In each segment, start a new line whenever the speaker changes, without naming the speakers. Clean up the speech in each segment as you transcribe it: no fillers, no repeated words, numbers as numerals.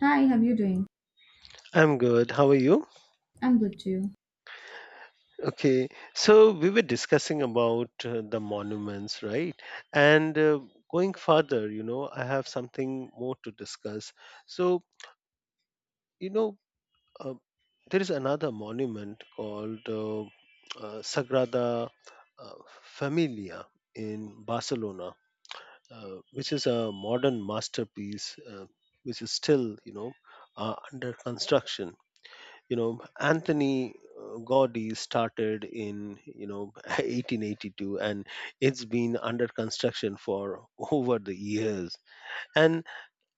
Hi, how you doing?
I'm good. How are you?
I'm good too.
Okay. So we were discussing about the monuments, right? And Going further, I have something more to discuss. So, you know, uh, there is another monument called Sagrada uh, Familia in Barcelona, which is a modern masterpiece, which is still, under construction, you know Anthony Gaudi started in 1882, and it's been under construction for over the years. And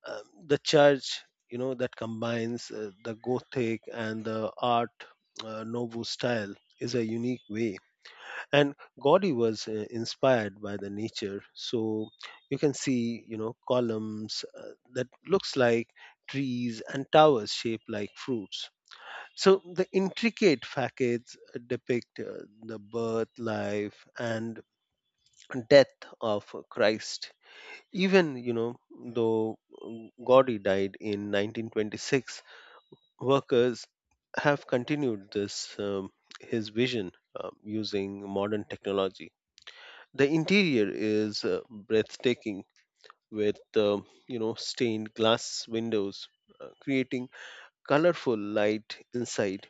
um, the church, that combines the Gothic and the art nouveau style, is a unique way. And Gaudi was inspired by the nature, so you can see columns that looks like trees, and towers shaped like fruits. So the intricate facades depict the birth, life, and death of Christ. Even though Gaudi died in 1926, workers have continued this his vision using modern technology. The interior is breathtaking, with stained glass windows, creating colorful light inside,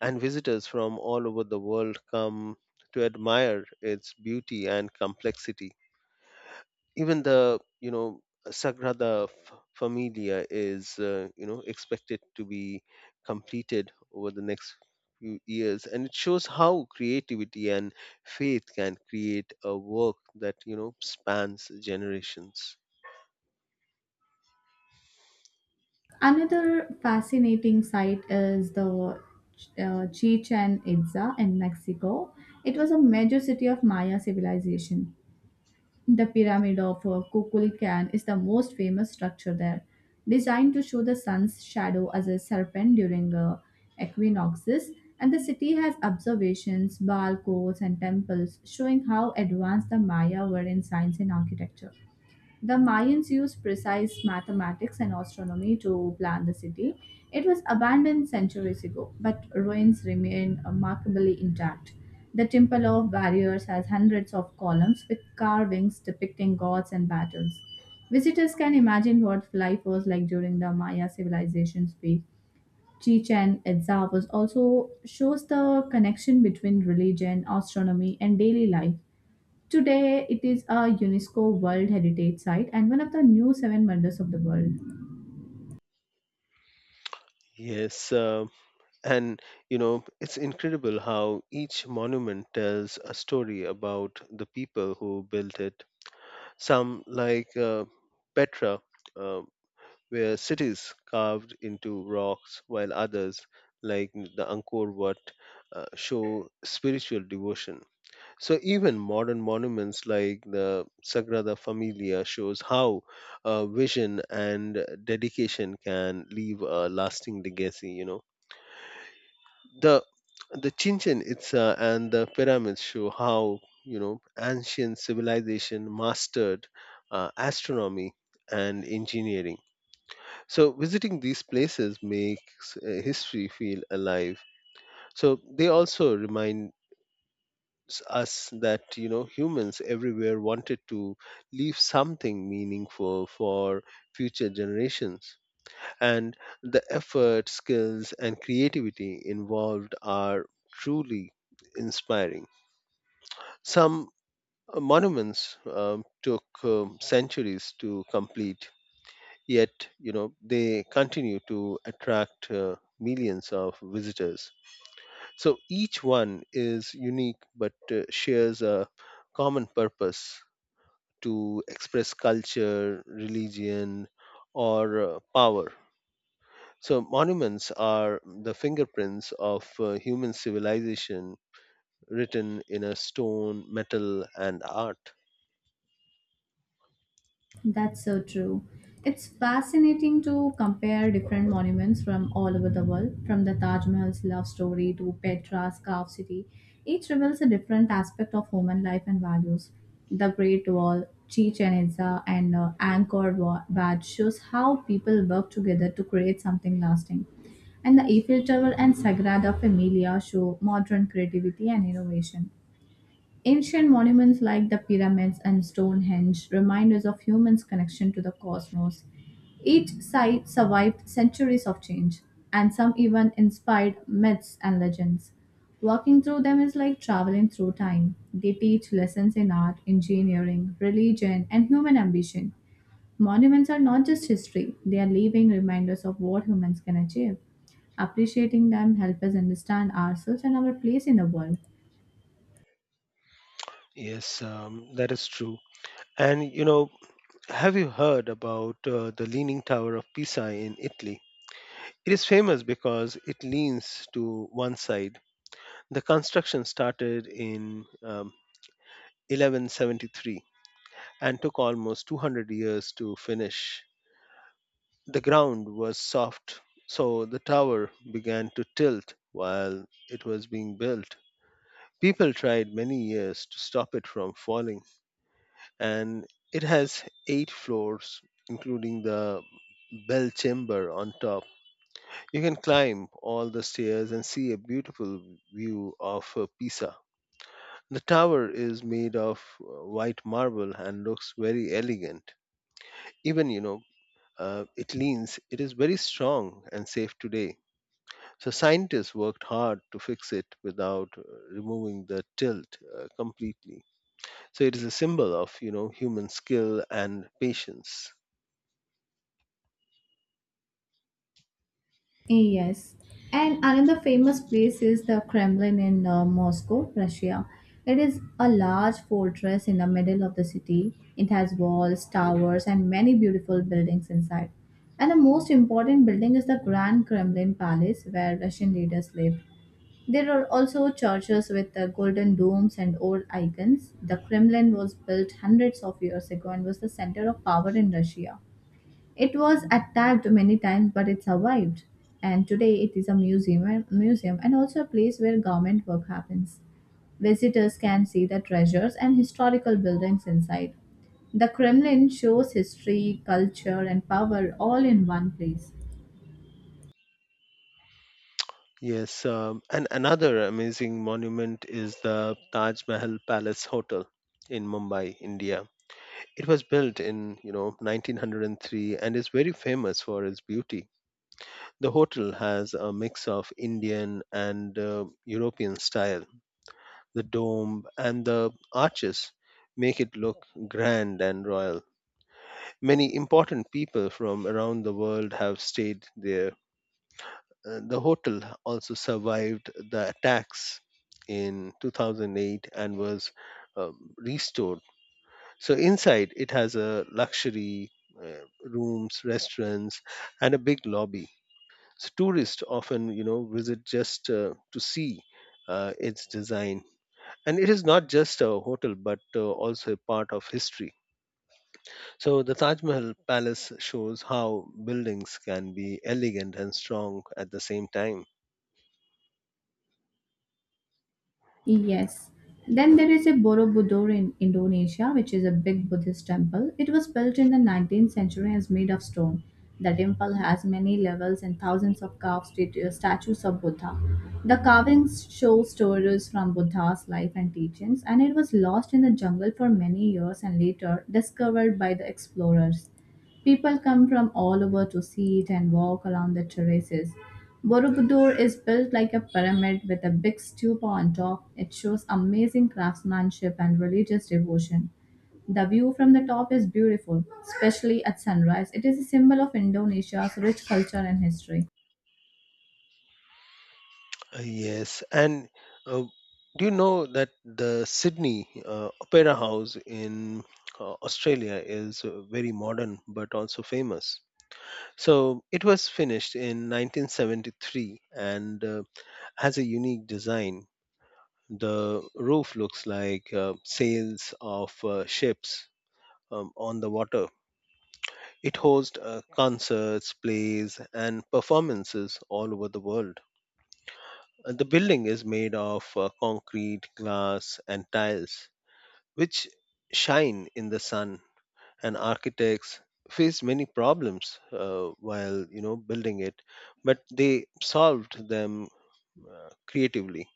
and visitors from all over the world come to admire its beauty and complexity. Even Sagrada Familia is, expected to be completed over the next few years, and it shows how creativity and faith can create a work that spans generations.
Another fascinating site is the Chichen Itza in Mexico. It was a major city of Maya civilization. The pyramid of Kukulcan is the most famous structure there, designed to show the sun's shadow as a serpent during equinoxes. And the city has observations, bar codes, and temples showing how advanced the Maya were in science and architecture. The Mayans used precise mathematics and astronomy to plan the city. It was abandoned centuries ago, but ruins remain remarkably intact. The Temple of Warriors has hundreds of columns with carvings depicting gods and battles. Visitors can imagine what life was like during the Maya civilization's peak. Chichen Itza was also shows the connection between religion, astronomy, and daily life. Today, it is a UNESCO World Heritage Site and one of the new seven wonders of the world.
Yes, and it's incredible how each monument tells a story about the people who built it. Some, like Petra, uh, were cities carved into rocks, while others, like the Angkor Wat, show spiritual devotion. So even modern monuments like the Sagrada Familia shows how vision and dedication can leave a lasting legacy. You know, the the Chichen Itza and the pyramids show how ancient civilization mastered astronomy and engineering. So visiting these places makes history feel alive. So they also remind us that humans everywhere wanted to leave something meaningful for future generations, and the effort, skills, and creativity involved are truly inspiring. Some monuments took centuries to complete, yet they continue to attract millions of visitors. So each one is unique, but shares a common purpose to express culture, religion, or power. So, monuments are the fingerprints of human civilization, written in a stone, metal, and art.
That's so true. It's fascinating to compare different monuments from all over the world, from the Taj Mahal's love story to Petra's Carved City. Each reveals a different aspect of human life and values. The Great Wall, Chichen Itza, and Wat shows how people work together to create something lasting. And the Eiffel Tower and Sagrada Familia show modern creativity and innovation. Ancient monuments like the pyramids and Stonehenge remind us of humans' connection to the cosmos. Each site survived centuries of change, and some even inspired myths and legends. Walking through them is like traveling through time. They teach lessons in art, engineering, religion, and human ambition. Monuments are not just history, they are living reminders of what humans can achieve. Appreciating them helps us understand ourselves and our place in the world.
Yes, that is true. And have you heard about the Leaning Tower of Pisa in Italy? It is famous because it leans to one side. The construction started in 1173 and took almost 200 years to finish. The ground was soft, so the tower began to tilt while it was being built. People tried many years to stop it from falling, and it has 8 floors, including the bell chamber on top. You can climb all the stairs and see a beautiful view of Pisa. The tower is made of white marble and looks very elegant. Even, it leans, it is very strong and safe today. So scientists worked hard to fix it without removing the tilt completely. So it is a symbol of human skill and patience.
Yes, and another famous place is the Kremlin in Moscow, Russia. It is a large fortress in the middle of the city. It has walls, towers, and many beautiful buildings inside. And the most important building is the Grand Kremlin Palace, where Russian leaders lived. There are also churches with golden domes and old icons. The Kremlin was built hundreds of years ago and was the center of power in Russia. It was attacked many times, but it survived. And today it is a museum and also a place where government work happens. Visitors can see the treasures and historical buildings inside. The Kremlin shows history, culture, and power all in one place.
Yes, and another amazing monument is the Taj Mahal Palace Hotel in Mumbai, India. It was built in 1903 and is very famous for its beauty. The hotel has a mix of Indian and European style. The dome and the arches make it look grand and royal. Many important people from around the world have stayed there. The hotel also survived the attacks in 2008 and was restored. So inside it has a luxury rooms, restaurants, and a big lobby. So tourists often, visit just to see its design. And it is not just a hotel, but also a part of history. So the Taj Mahal Palace shows how buildings can be elegant and strong at the same time.
Yes. Then there is a Borobudur in Indonesia, which is a big Buddhist temple. It was built in the 19th century and is made of stone. The temple has many levels and thousands of statues of Buddha. The carvings show stories from Buddha's life and teachings, and it was lost in the jungle for many years and later discovered by the explorers. People come from all over to see it and walk around the terraces. Borobudur is built like a pyramid with a big stupa on top. It shows amazing craftsmanship and religious devotion. The view from the top is beautiful, especially at sunrise. It is a symbol of Indonesia's rich culture and history.
Yes, and uh, do you know that the Sydney Opera House in Australia is very modern but also famous? So it was finished in 1973, and has a unique design. The roof looks like sails of ships on the water. It hosts concerts, plays, and performances all over the world. And the building is made of concrete, glass, and tiles, which shine in the sun. And architects faced many problems while building it, but they solved them creatively.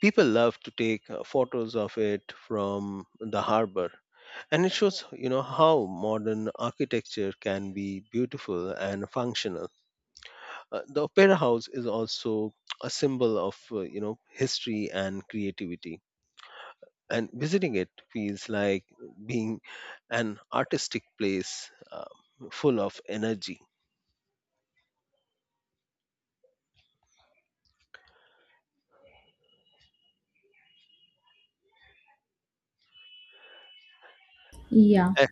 People love to take photos of it from the harbor. And it shows, how modern architecture can be beautiful and functional. The opera house is also a symbol of, history and creativity. And visiting it feels like being an artistic place full of energy.
Yeah.
And,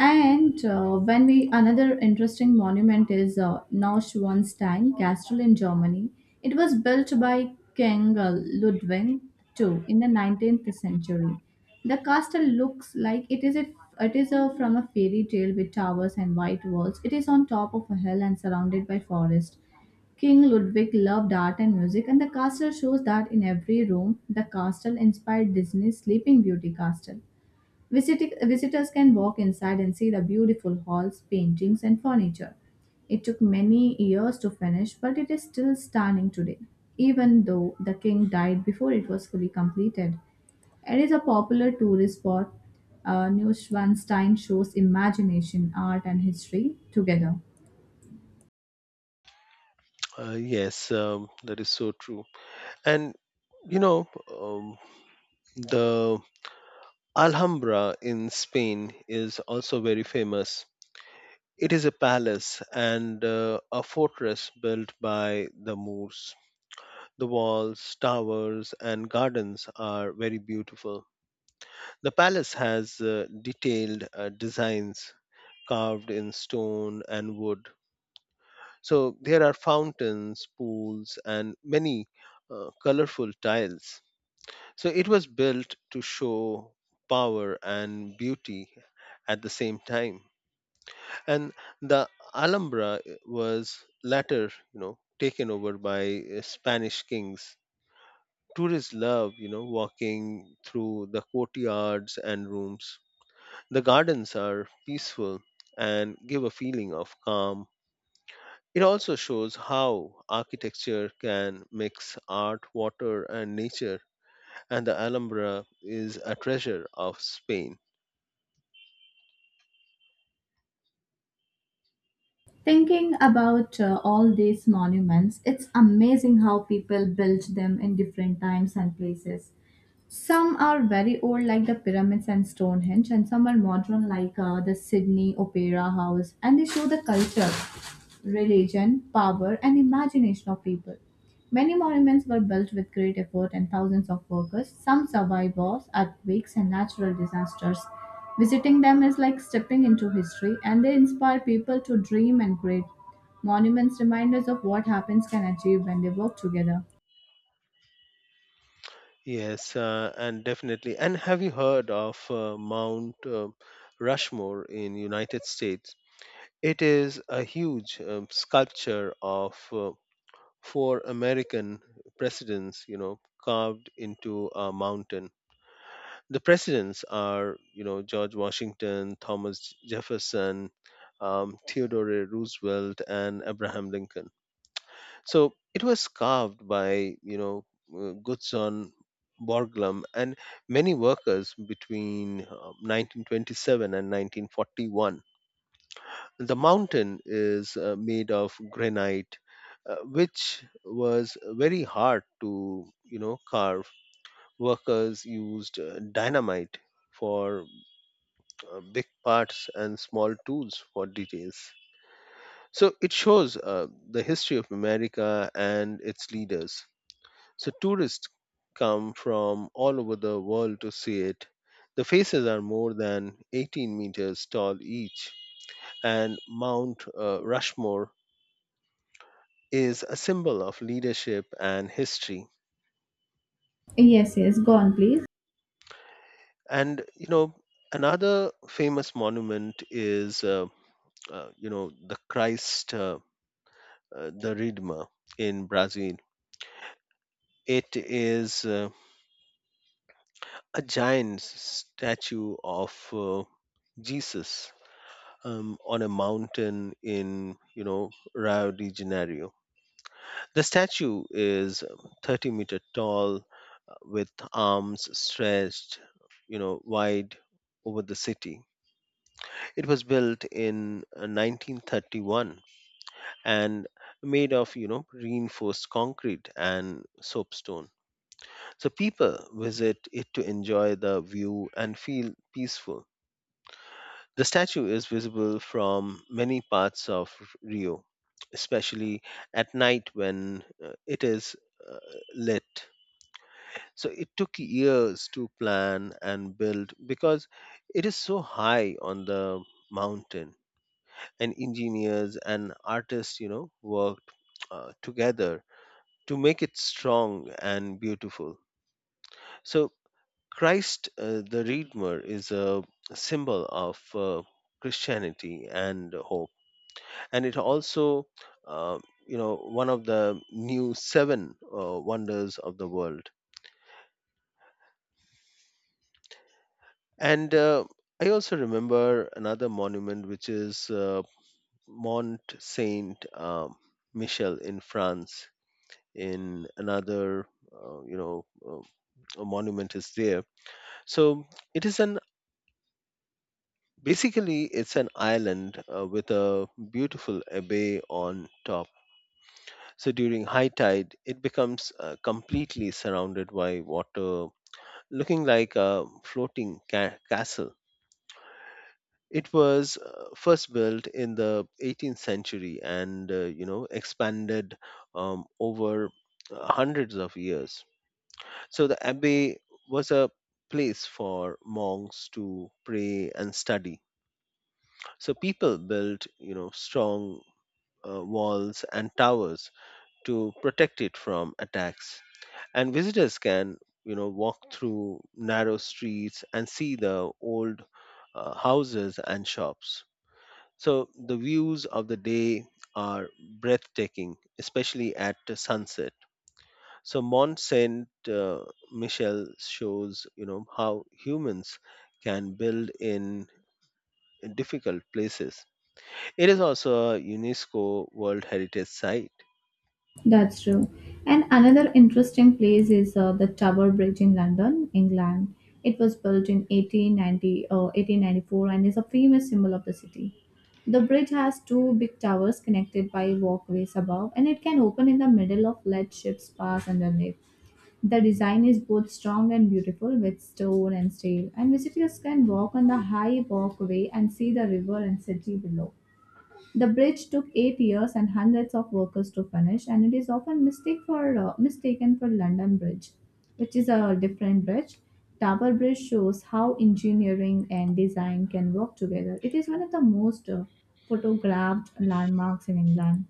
And when we Another interesting monument is Neuschwanstein Castle in Germany. It was built by King Ludwig II in the 19th century. The castle looks like it is, from a fairy tale with towers and white walls. It is on top of a hill and surrounded by forest. King Ludwig loved art and music, and the castle shows that in every room, the castle inspired Disney's Sleeping Beauty castle. Visitors can walk inside and see the beautiful halls, paintings, and furniture. It took many years to finish, but it is still stunning today, even though the king died before it was fully completed. It is a popular tourist spot. Neuschwanstein shows imagination, art, and history together.
yes, that is so true. And you know, um, the Alhambra in Spain is also very famous. It is a palace and a fortress built by the Moors. The walls, towers, and gardens are very beautiful. The palace has detailed designs carved in stone and wood. So there are fountains, pools, and many colorful tiles. So it was built to show power and beauty at the same time. And the Alhambra was later taken over by Spanish kings. Tourists love walking through the courtyards and rooms. The gardens are peaceful and give a feeling of calm. It also shows how architecture can mix art, water, and nature. And the Alhambra is a treasure of Spain.
Thinking about all these monuments, it's amazing how people built them in different times and places. Some are very old, like the pyramids and Stonehenge, and some are modern, like the Sydney Opera House, and they show the culture, religion, power, and imagination of people. Many monuments were built with great effort and thousands of workers. Some survive wars, earthquakes, and natural disasters. Visiting them is like stepping into history, and they inspire people to dream and create. Monuments remind us of what happens can achieve when they work together.
Yes, and definitely. And have you heard of Mount Rushmore in United States? It is a huge sculpture of four American presidents, carved into a mountain. The presidents are, you know, George Washington, Thomas Jefferson, Theodore Roosevelt, and Abraham Lincoln. So it was carved by, Gutzon Borglum and many workers between 1927 and 1941. The mountain is made of granite, which was very hard to, carve. Workers used dynamite for big parts and small tools for details. So it shows the history of America and its leaders. So tourists come from all over the world to see it. The faces are more than 18 meters tall each, and Mount Rushmore is a symbol of leadership and history.
Yes, yes, go on, please.
And another famous monument is the Christ, the Redeemer in Brazil. It is a giant statue of Jesus on a mountain in Rio de Janeiro. The statue is 30-meter tall with arms stretched wide over the city. It was built in 1931 and made of reinforced concrete and soapstone. So people visit it to enjoy the view and feel peaceful. The statue is visible from many parts of Rio, especially at night when it is uh, lit. So it took years to plan and build because it is so high on the mountain. And engineers and artists, worked together to make it strong and beautiful. So Christ the Redeemer is a symbol of Christianity and hope, and it also uh, one of the new seven wonders of the world. And I also remember another monument, which is Mont Saint Michel in France. In another you know uh, a monument is there So it is an, basically it's an island with a beautiful bay on top. So during high tide, it becomes completely surrounded by water, looking like a floating castle. It was first built in the 18th century and expanded over hundreds of years. So the abbey was a place for monks to pray and study. So people built strong walls and towers to protect it from attacks. And visitors can walk through narrow streets and see the old houses and shops. So the views of the day are breathtaking, especially at the sunset. So Mont Saint Michel shows how humans can build in difficult places. It is also a UNESCO World Heritage Site.
That's true. And another interesting place is the Tower Bridge in London, England. It was built in 1894 and is a famous symbol of the city. The bridge has two big towers connected by walkways above, and it can open in the middle of let ships pass underneath. The design is both strong and beautiful with stone and steel, and visitors can walk on the high walkway and see the river and city below. The bridge took 8 years and hundreds of workers to finish, and it is often mistaken for London Bridge, which is a different bridge. Tower Bridge shows how engineering and design can work together. It is one of the most photographed landmarks in England.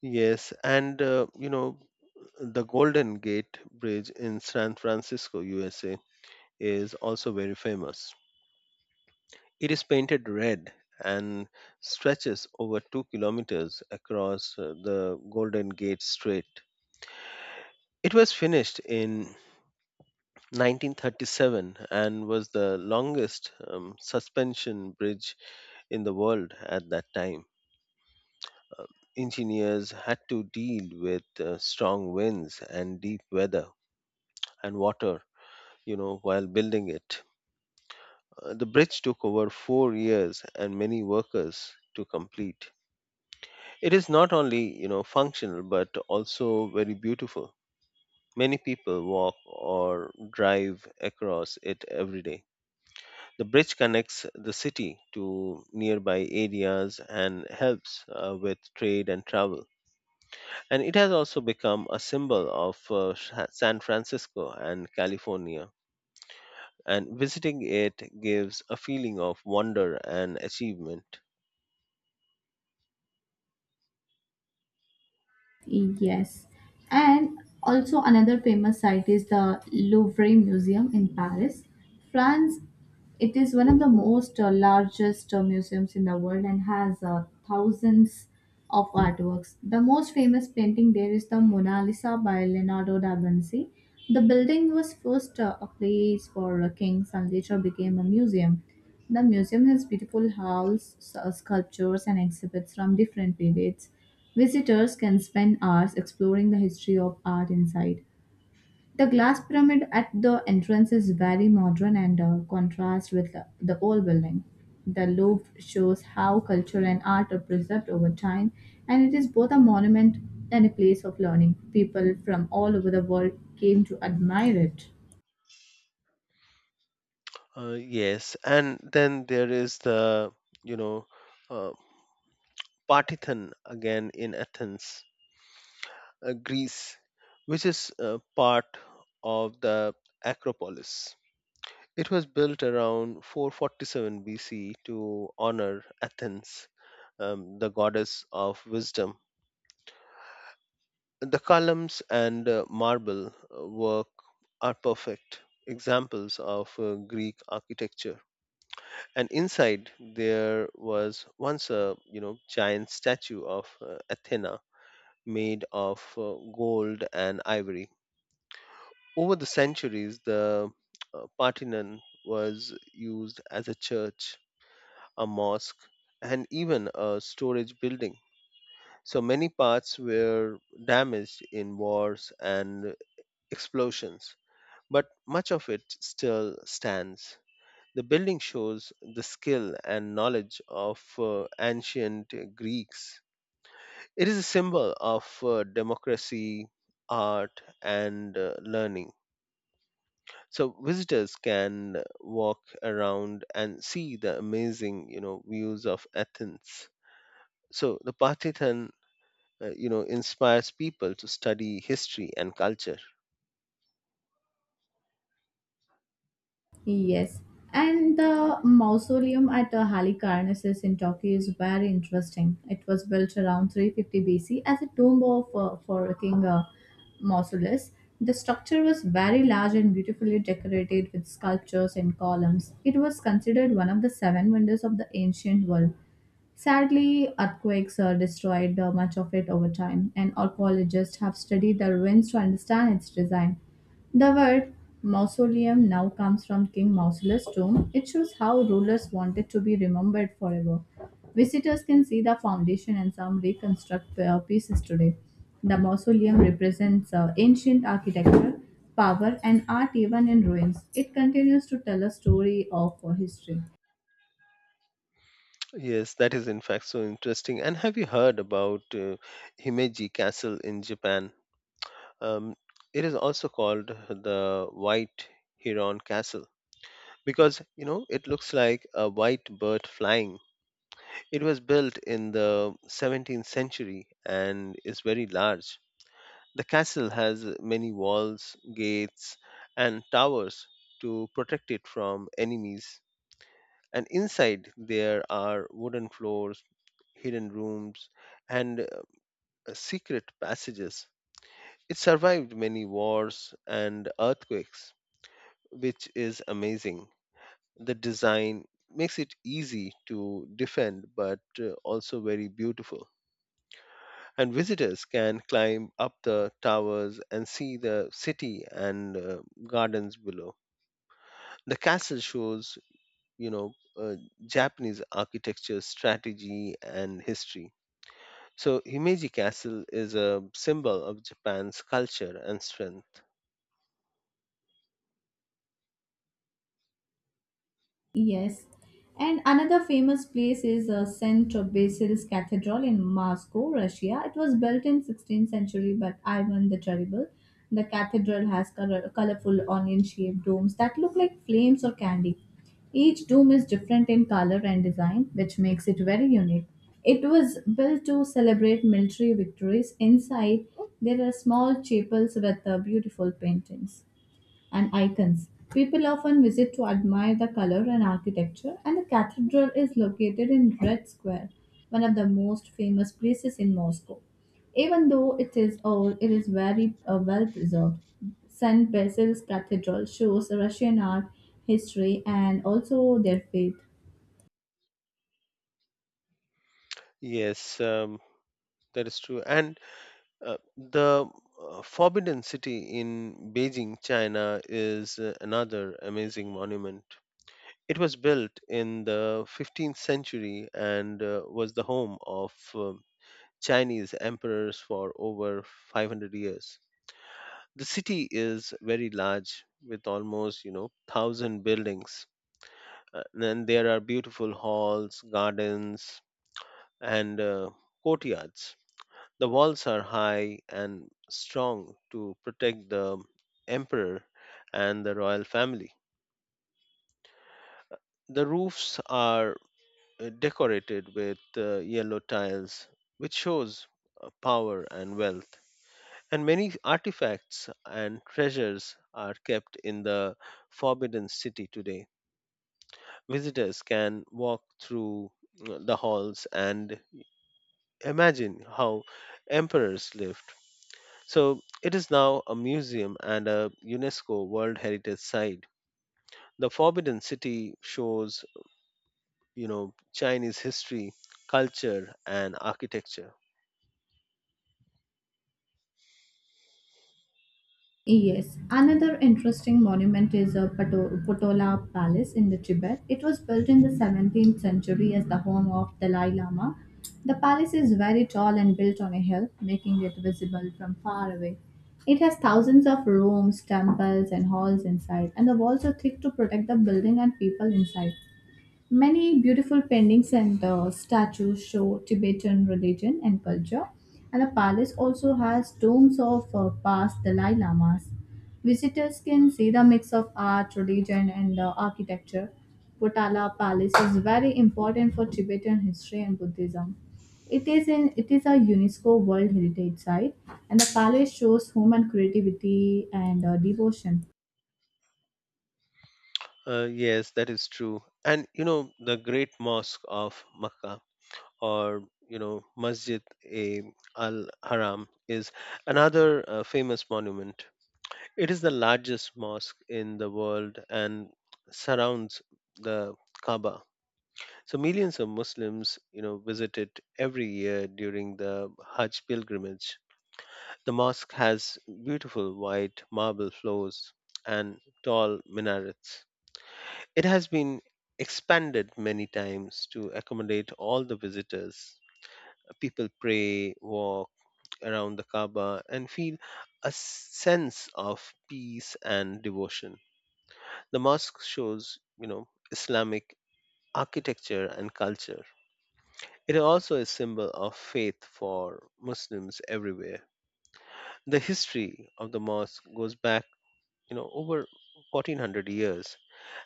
Yes, and the Golden Gate Bridge in San Francisco, USA, is also very famous. It is painted red and stretches over 2 kilometers across the Golden Gate Strait. It was finished in 1937 and was the longest suspension bridge in the world at that time. Engineers had to deal with strong winds and deep weather and water, while building it. The bridge took over 4 years and many workers to complete. It is not only functional but also very beautiful. Many people walk or drive across it every day. The bridge connects the city to nearby areas and helps with trade and travel. And it has also become a symbol of San Francisco and California. And visiting it gives a feeling of wonder and achievement.
Yes. And also another famous site is the Louvre Museum in Paris, France. It is one of the most largest museums in the world and has thousands of artworks. The most famous painting there is the Mona Lisa by Leonardo da Vinci. The building was first a place for kings and later became a museum. The museum has beautiful halls, sculptures, and exhibits from different periods. Visitors can spend hours exploring the history of art inside. The glass pyramid at the entrance is very modern and contrasts with the old building. The Louvre shows how culture and art are preserved over time, and it is both a monument and a place of learning. People from all over the world came to admire it.
Yes, and then there is the you know uh, Partithan again in Athens, Greece, which is part of the Acropolis. It was built around 447 BC to honor Athens, the goddess of wisdom. The columns and marble work are perfect examples of Greek architecture. And inside there was once a giant statue of athena made of gold and ivory. Over the centuries, the parthenon was used as a church, a mosque, and even a storage building. So many parts were damaged in wars and explosions, but much of it still stands. The building shows the skill and knowledge of ancient Greeks. It is a symbol of democracy, art, and learning. So visitors can walk around and see the amazing, views of Athens. So the Partithan inspires people to study history and culture.
Yes, and the mausoleum at Halicarnassus in Turkey is very interesting. It was built around 350 BC as a tomb of for King Mausolus. The structure was very large and beautifully decorated with sculptures and columns. It was considered one of the seven wonders of the ancient world. Sadly, earthquakes destroyed much of it over time, and archaeologists have studied the ruins to understand its design. The word mausoleum now comes from King Mausoleus' tomb. It shows how rulers wanted to be remembered forever. Visitors can see the foundation and some reconstruct pieces today. The mausoleum represents ancient architecture, power, and art even in ruins. It continues to tell a story of history.
Yes, that is in fact so interesting. And have you heard about Himeji Castle in Japan? Um, it is also called the White Heron Castle because it looks like a white bird flying. It was built in the 17th century and is very large. The castle has many walls, gates, and towers to protect it from enemies. And inside there are wooden floors, hidden rooms, and secret passages. It survived many wars and earthquakes, which is amazing. The design makes it easy to defend, but also very beautiful. And visitors can climb up the towers and see the city and gardens below. The castle shows, you know, uh, Japanese architecture, strategy, and history. So Himeji Castle is a symbol of Japan's culture and strength.
Yes. And another famous place is St. Basil's Cathedral in Moscow, Russia. It was built in 16th century by Ivan the Terrible. The cathedral has colorful onion-shaped domes that look like flames or candy. Each dome is different in color and design, which makes it very unique. It was built to celebrate military victories. Inside, there are small chapels with beautiful paintings and icons. People often visit to admire the color and architecture, and the cathedral is located in Red Square, one of the most famous places in Moscow. Even though it is old, it is very well preserved. St. Basil's Cathedral shows Russian art, history, and also their faith.
Yes, that is true. And the Forbidden City in Beijing, China is another amazing monument. It was built in the 15th century and was the home of Chinese emperors for over 500 years. The city is very large with almost, 1000 buildings. And then there are beautiful halls, gardens, and courtyards. The walls are high and strong to protect the emperor and the royal family. The roofs are decorated with yellow tiles, which shows power and wealth. And many artifacts and treasures are kept in the Forbidden City today. Visitors can walk through the halls and imagine how emperors lived. So it is now a museum and a UNESCO World Heritage Site. The Forbidden City shows, Chinese history, culture, and architecture.
Yes, another interesting monument is a Potola Palace in the Tibet. It was built in the 17th century as the home of Dalai Lama. The palace is very tall and built on a hill, making it visible from far away. It has thousands of rooms, temples, and halls inside, and the walls are thick to protect the building and people inside. Many beautiful paintings and statues show Tibetan religion and culture, and the palace also has tombs of past Dalai Lamas. Visitors can see the mix of art, religion, and architecture. Potala Palace is very important for Tibetan history and Buddhism. It is a UNESCO World Heritage Site, and the palace shows human creativity and devotion.
Yes, that is true. And the Great Mosque of Makkah, or Masjid e Al Haram, is another famous monument. It is the largest mosque in the world and surrounds the Kaaba. So millions of Muslims, visit it every year during the Hajj pilgrimage. The mosque has beautiful white marble floors and tall minarets. It has been expanded many times to accommodate all the visitors. People pray, walk around the Kaaba, and feel a sense of peace and devotion. The mosque shows, Islamic architecture and culture. It is also a symbol of faith for Muslims everywhere. The history of the mosque goes back, over 1400 years,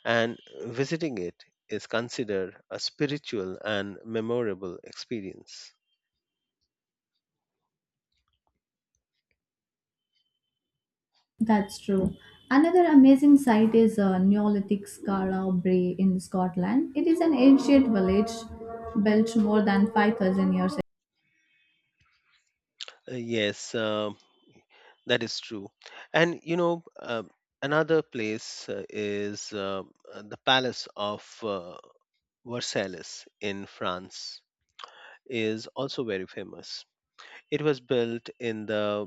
and visiting it is considered a spiritual and memorable experience.
That's true. Another amazing site is Neolithic Scarabray in Scotland. It is an ancient village built more than 5,000 years ago.
Yes, that is true. And another place is the Palace of Versailles in France is also very famous. It was built in the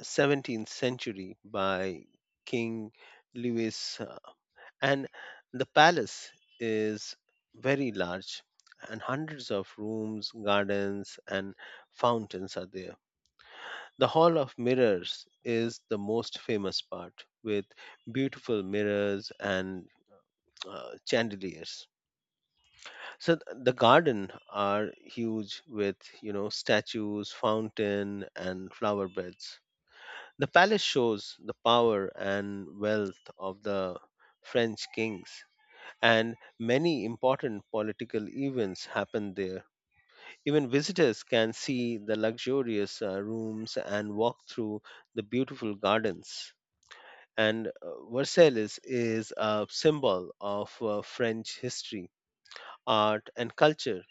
17th century by King Louis, and the palace is very large, and hundreds of rooms, gardens, and fountains are there. The Hall of Mirrors is the most famous part, with beautiful mirrors and chandeliers. So the garden are huge with statues, fountain, and flower beds. The palace shows the power and wealth of the French kings, and many important political events happen there. Even visitors can see the luxurious rooms and walk through the beautiful gardens. And Versailles is a symbol of French history, art, and culture.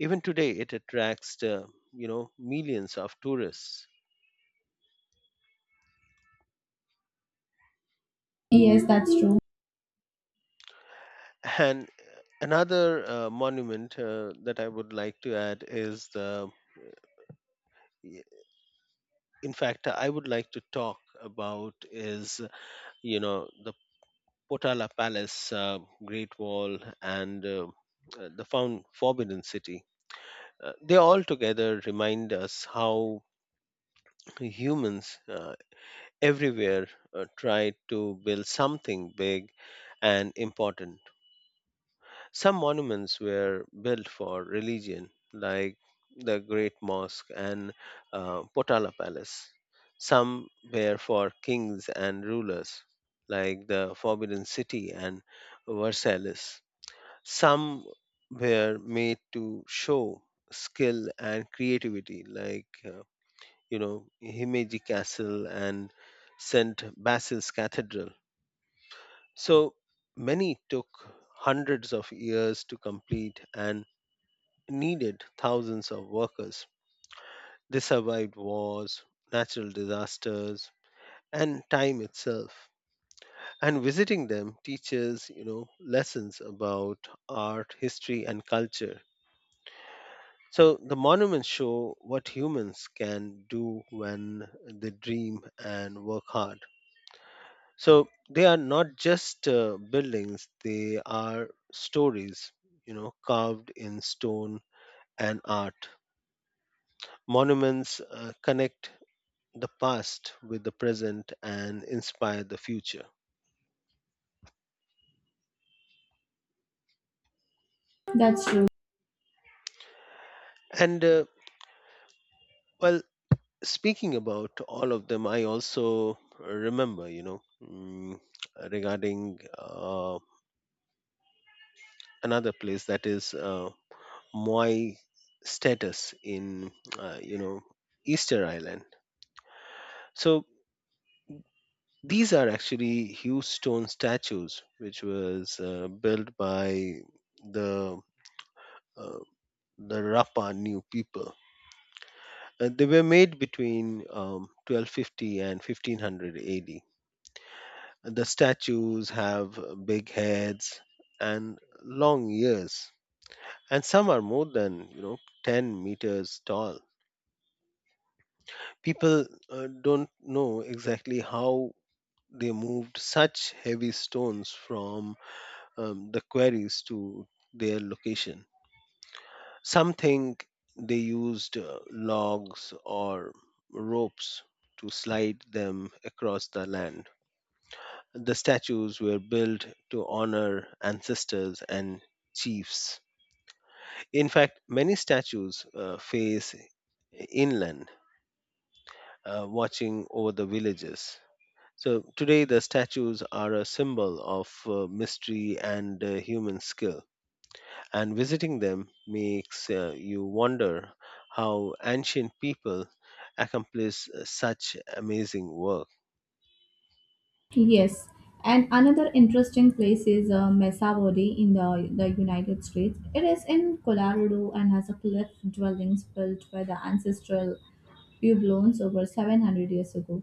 Even today, it attracts, millions of tourists.
Yes, that's true.
And another monument that I would like to add is y- in fact, I would like to talk about is, the Potala Palace, Great Wall, and the Found Forbidden City. They all together remind us how humans everywhere try to build something big and important. Some monuments were built for religion, like the Great Mosque and Potala Palace. Some were for kings and rulers, like the Forbidden City and Versailles. Some were made to show skill and creativity, like, Himeji Castle and St. Basil's Cathedral. So many took hundreds of years to complete and needed thousands of workers. They survived wars, natural disasters, and time itself. And visiting them teaches, lessons about art, history, and culture. So the monuments show what humans can do when they dream and work hard. So they are not just buildings; they are stories, carved in stone and art. Monuments connect the past with the present and inspire the future.
That's true.
And well, speaking about all of them, I also remember, regarding another place that is Moai status in, uh, you know, Easter Island. So these are actually huge stone statues, which was built by the uh, the Rapa New people. They were made between 1250 and 1500 AD. The statues have big heads and long ears, and some are more than 10 meters tall. People don't know exactly how they moved such heavy stones from the quarries to their location. Some think they used logs or ropes to slide them across the land. The statues were built to honor ancestors and chiefs. In fact, many statues face inland, watching over the villages. So today, the statues are a symbol of mystery and human skill, and visiting them makes you wonder how ancient people accomplish such amazing work.
Yes. And another interesting place is Mesavodi in the United States. It is in Colorado and has a cliff dwellings built by the ancestral pueblones over 700 years ago.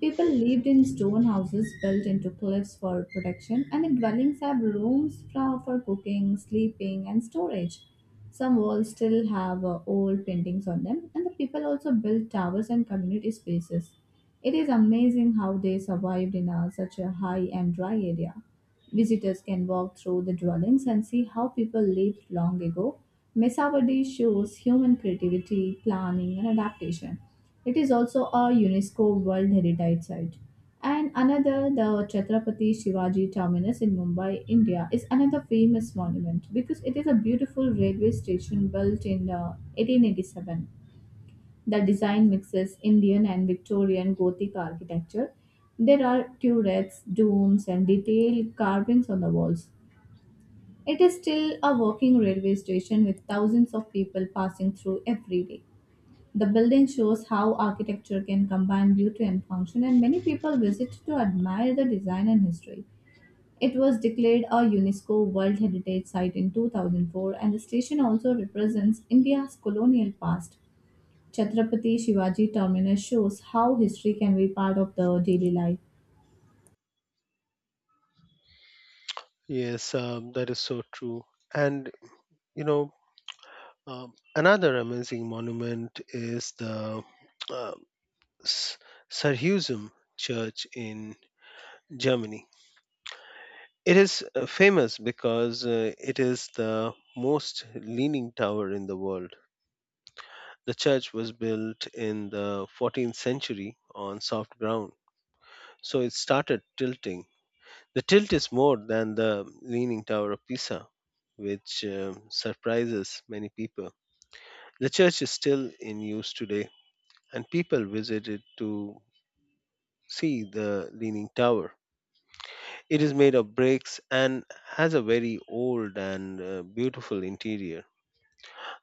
People lived in stone houses built into cliffs for protection, and the dwellings have rooms for cooking, sleeping, and storage. Some walls still have old paintings on them, and the people also built towers and community spaces. It is amazing how they survived in a, such a high and dry area. Visitors can walk through the dwellings and see how people lived long ago. Mesawadi shows human creativity, planning, and adaptation. It is also a UNESCO World Heritage Site. And another, the Chhatrapati Shivaji Terminus in Mumbai, India, is another famous monument because it is a beautiful railway station built in 1887. The design mixes Indian and Victorian Gothic architecture. There are turrets, domes, and detailed carvings on the walls. It is still a working railway station with thousands of people passing through every day. The building shows how architecture can combine beauty and function, and many people visit to admire the design and history. It was declared a UNESCO World Heritage Site in 2004, and the station also represents India's colonial past. Chhatrapati Shivaji Terminus shows how history can be part of the daily life.
Yes, that is so true. And you know, another amazing monument is the uh, S- Sarhusum Church in Germany. It is famous because it is the most leaning tower in the world. The church was built in the 14th century on soft ground, so it started tilting. The tilt is more than the Leaning Tower of Pisa, which surprises many people. The church is still in use today, and people visit it to see the Leaning Tower. It is made of bricks and has a very old and beautiful interior.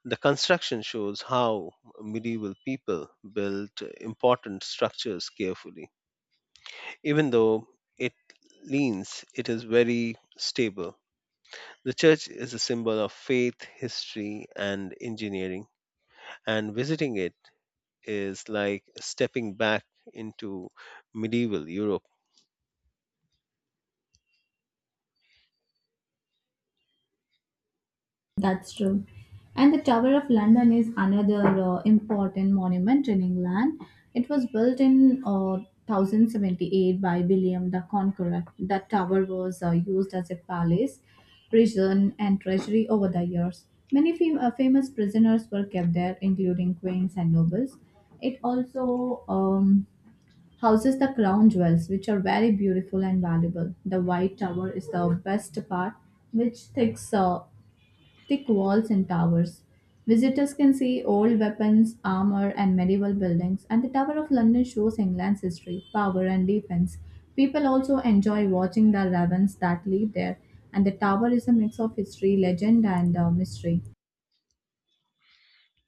The construction shows how medieval people built important structures carefully. Even though it leans, it is very stable. The church is a symbol of faith, history, and engineering, and visiting it is like stepping back into medieval Europe.
That's true. And the Tower of London is another important monument in England. It was built in 1078 by William the Conqueror. The tower was used as a palace, prison, and treasury over the years. Many famous prisoners were kept there, including queens and nobles. It also houses the crown jewels, which are very beautiful and valuable. The White Tower is the best part, which thicks thick walls and towers. Visitors can see old weapons, armor, and medieval buildings, and the Tower of London shows England's history, power, and defense. People also enjoy watching the ravens that live there, and the tower is a mix of history, legend, and mystery.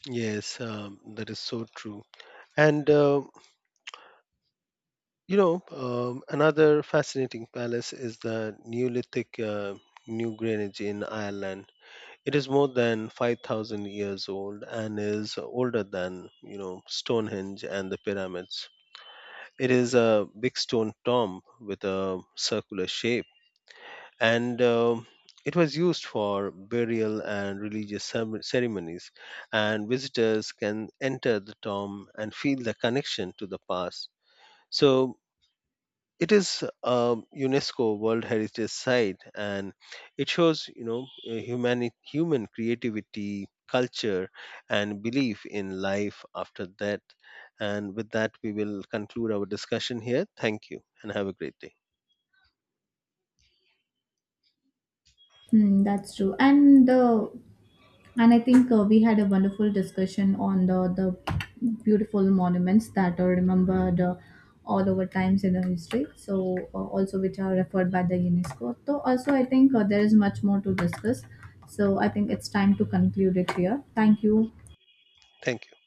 Yes, that is so true. And another fascinating palace is the Neolithic New Greenwich in Ireland. It is more than 5,000 years old and is older than Stonehenge and the pyramids. It is a big stone tomb with a circular shape, and it was used for burial and religious ceremonies. And visitors can enter the tomb and feel the connection to the past. So it is a UNESCO World Heritage Site, and it shows, human creativity, culture, and belief in life after death. And with that we will conclude our discussion here. Thank you and have a great day.
Hmm, that's true. And I think we had a wonderful discussion on the beautiful monuments that are remembered all over times in the history. So also which are referred by the UNESCO. So also I think there is much more to discuss. So I think it's time to conclude it here. Thank you.
Thank you.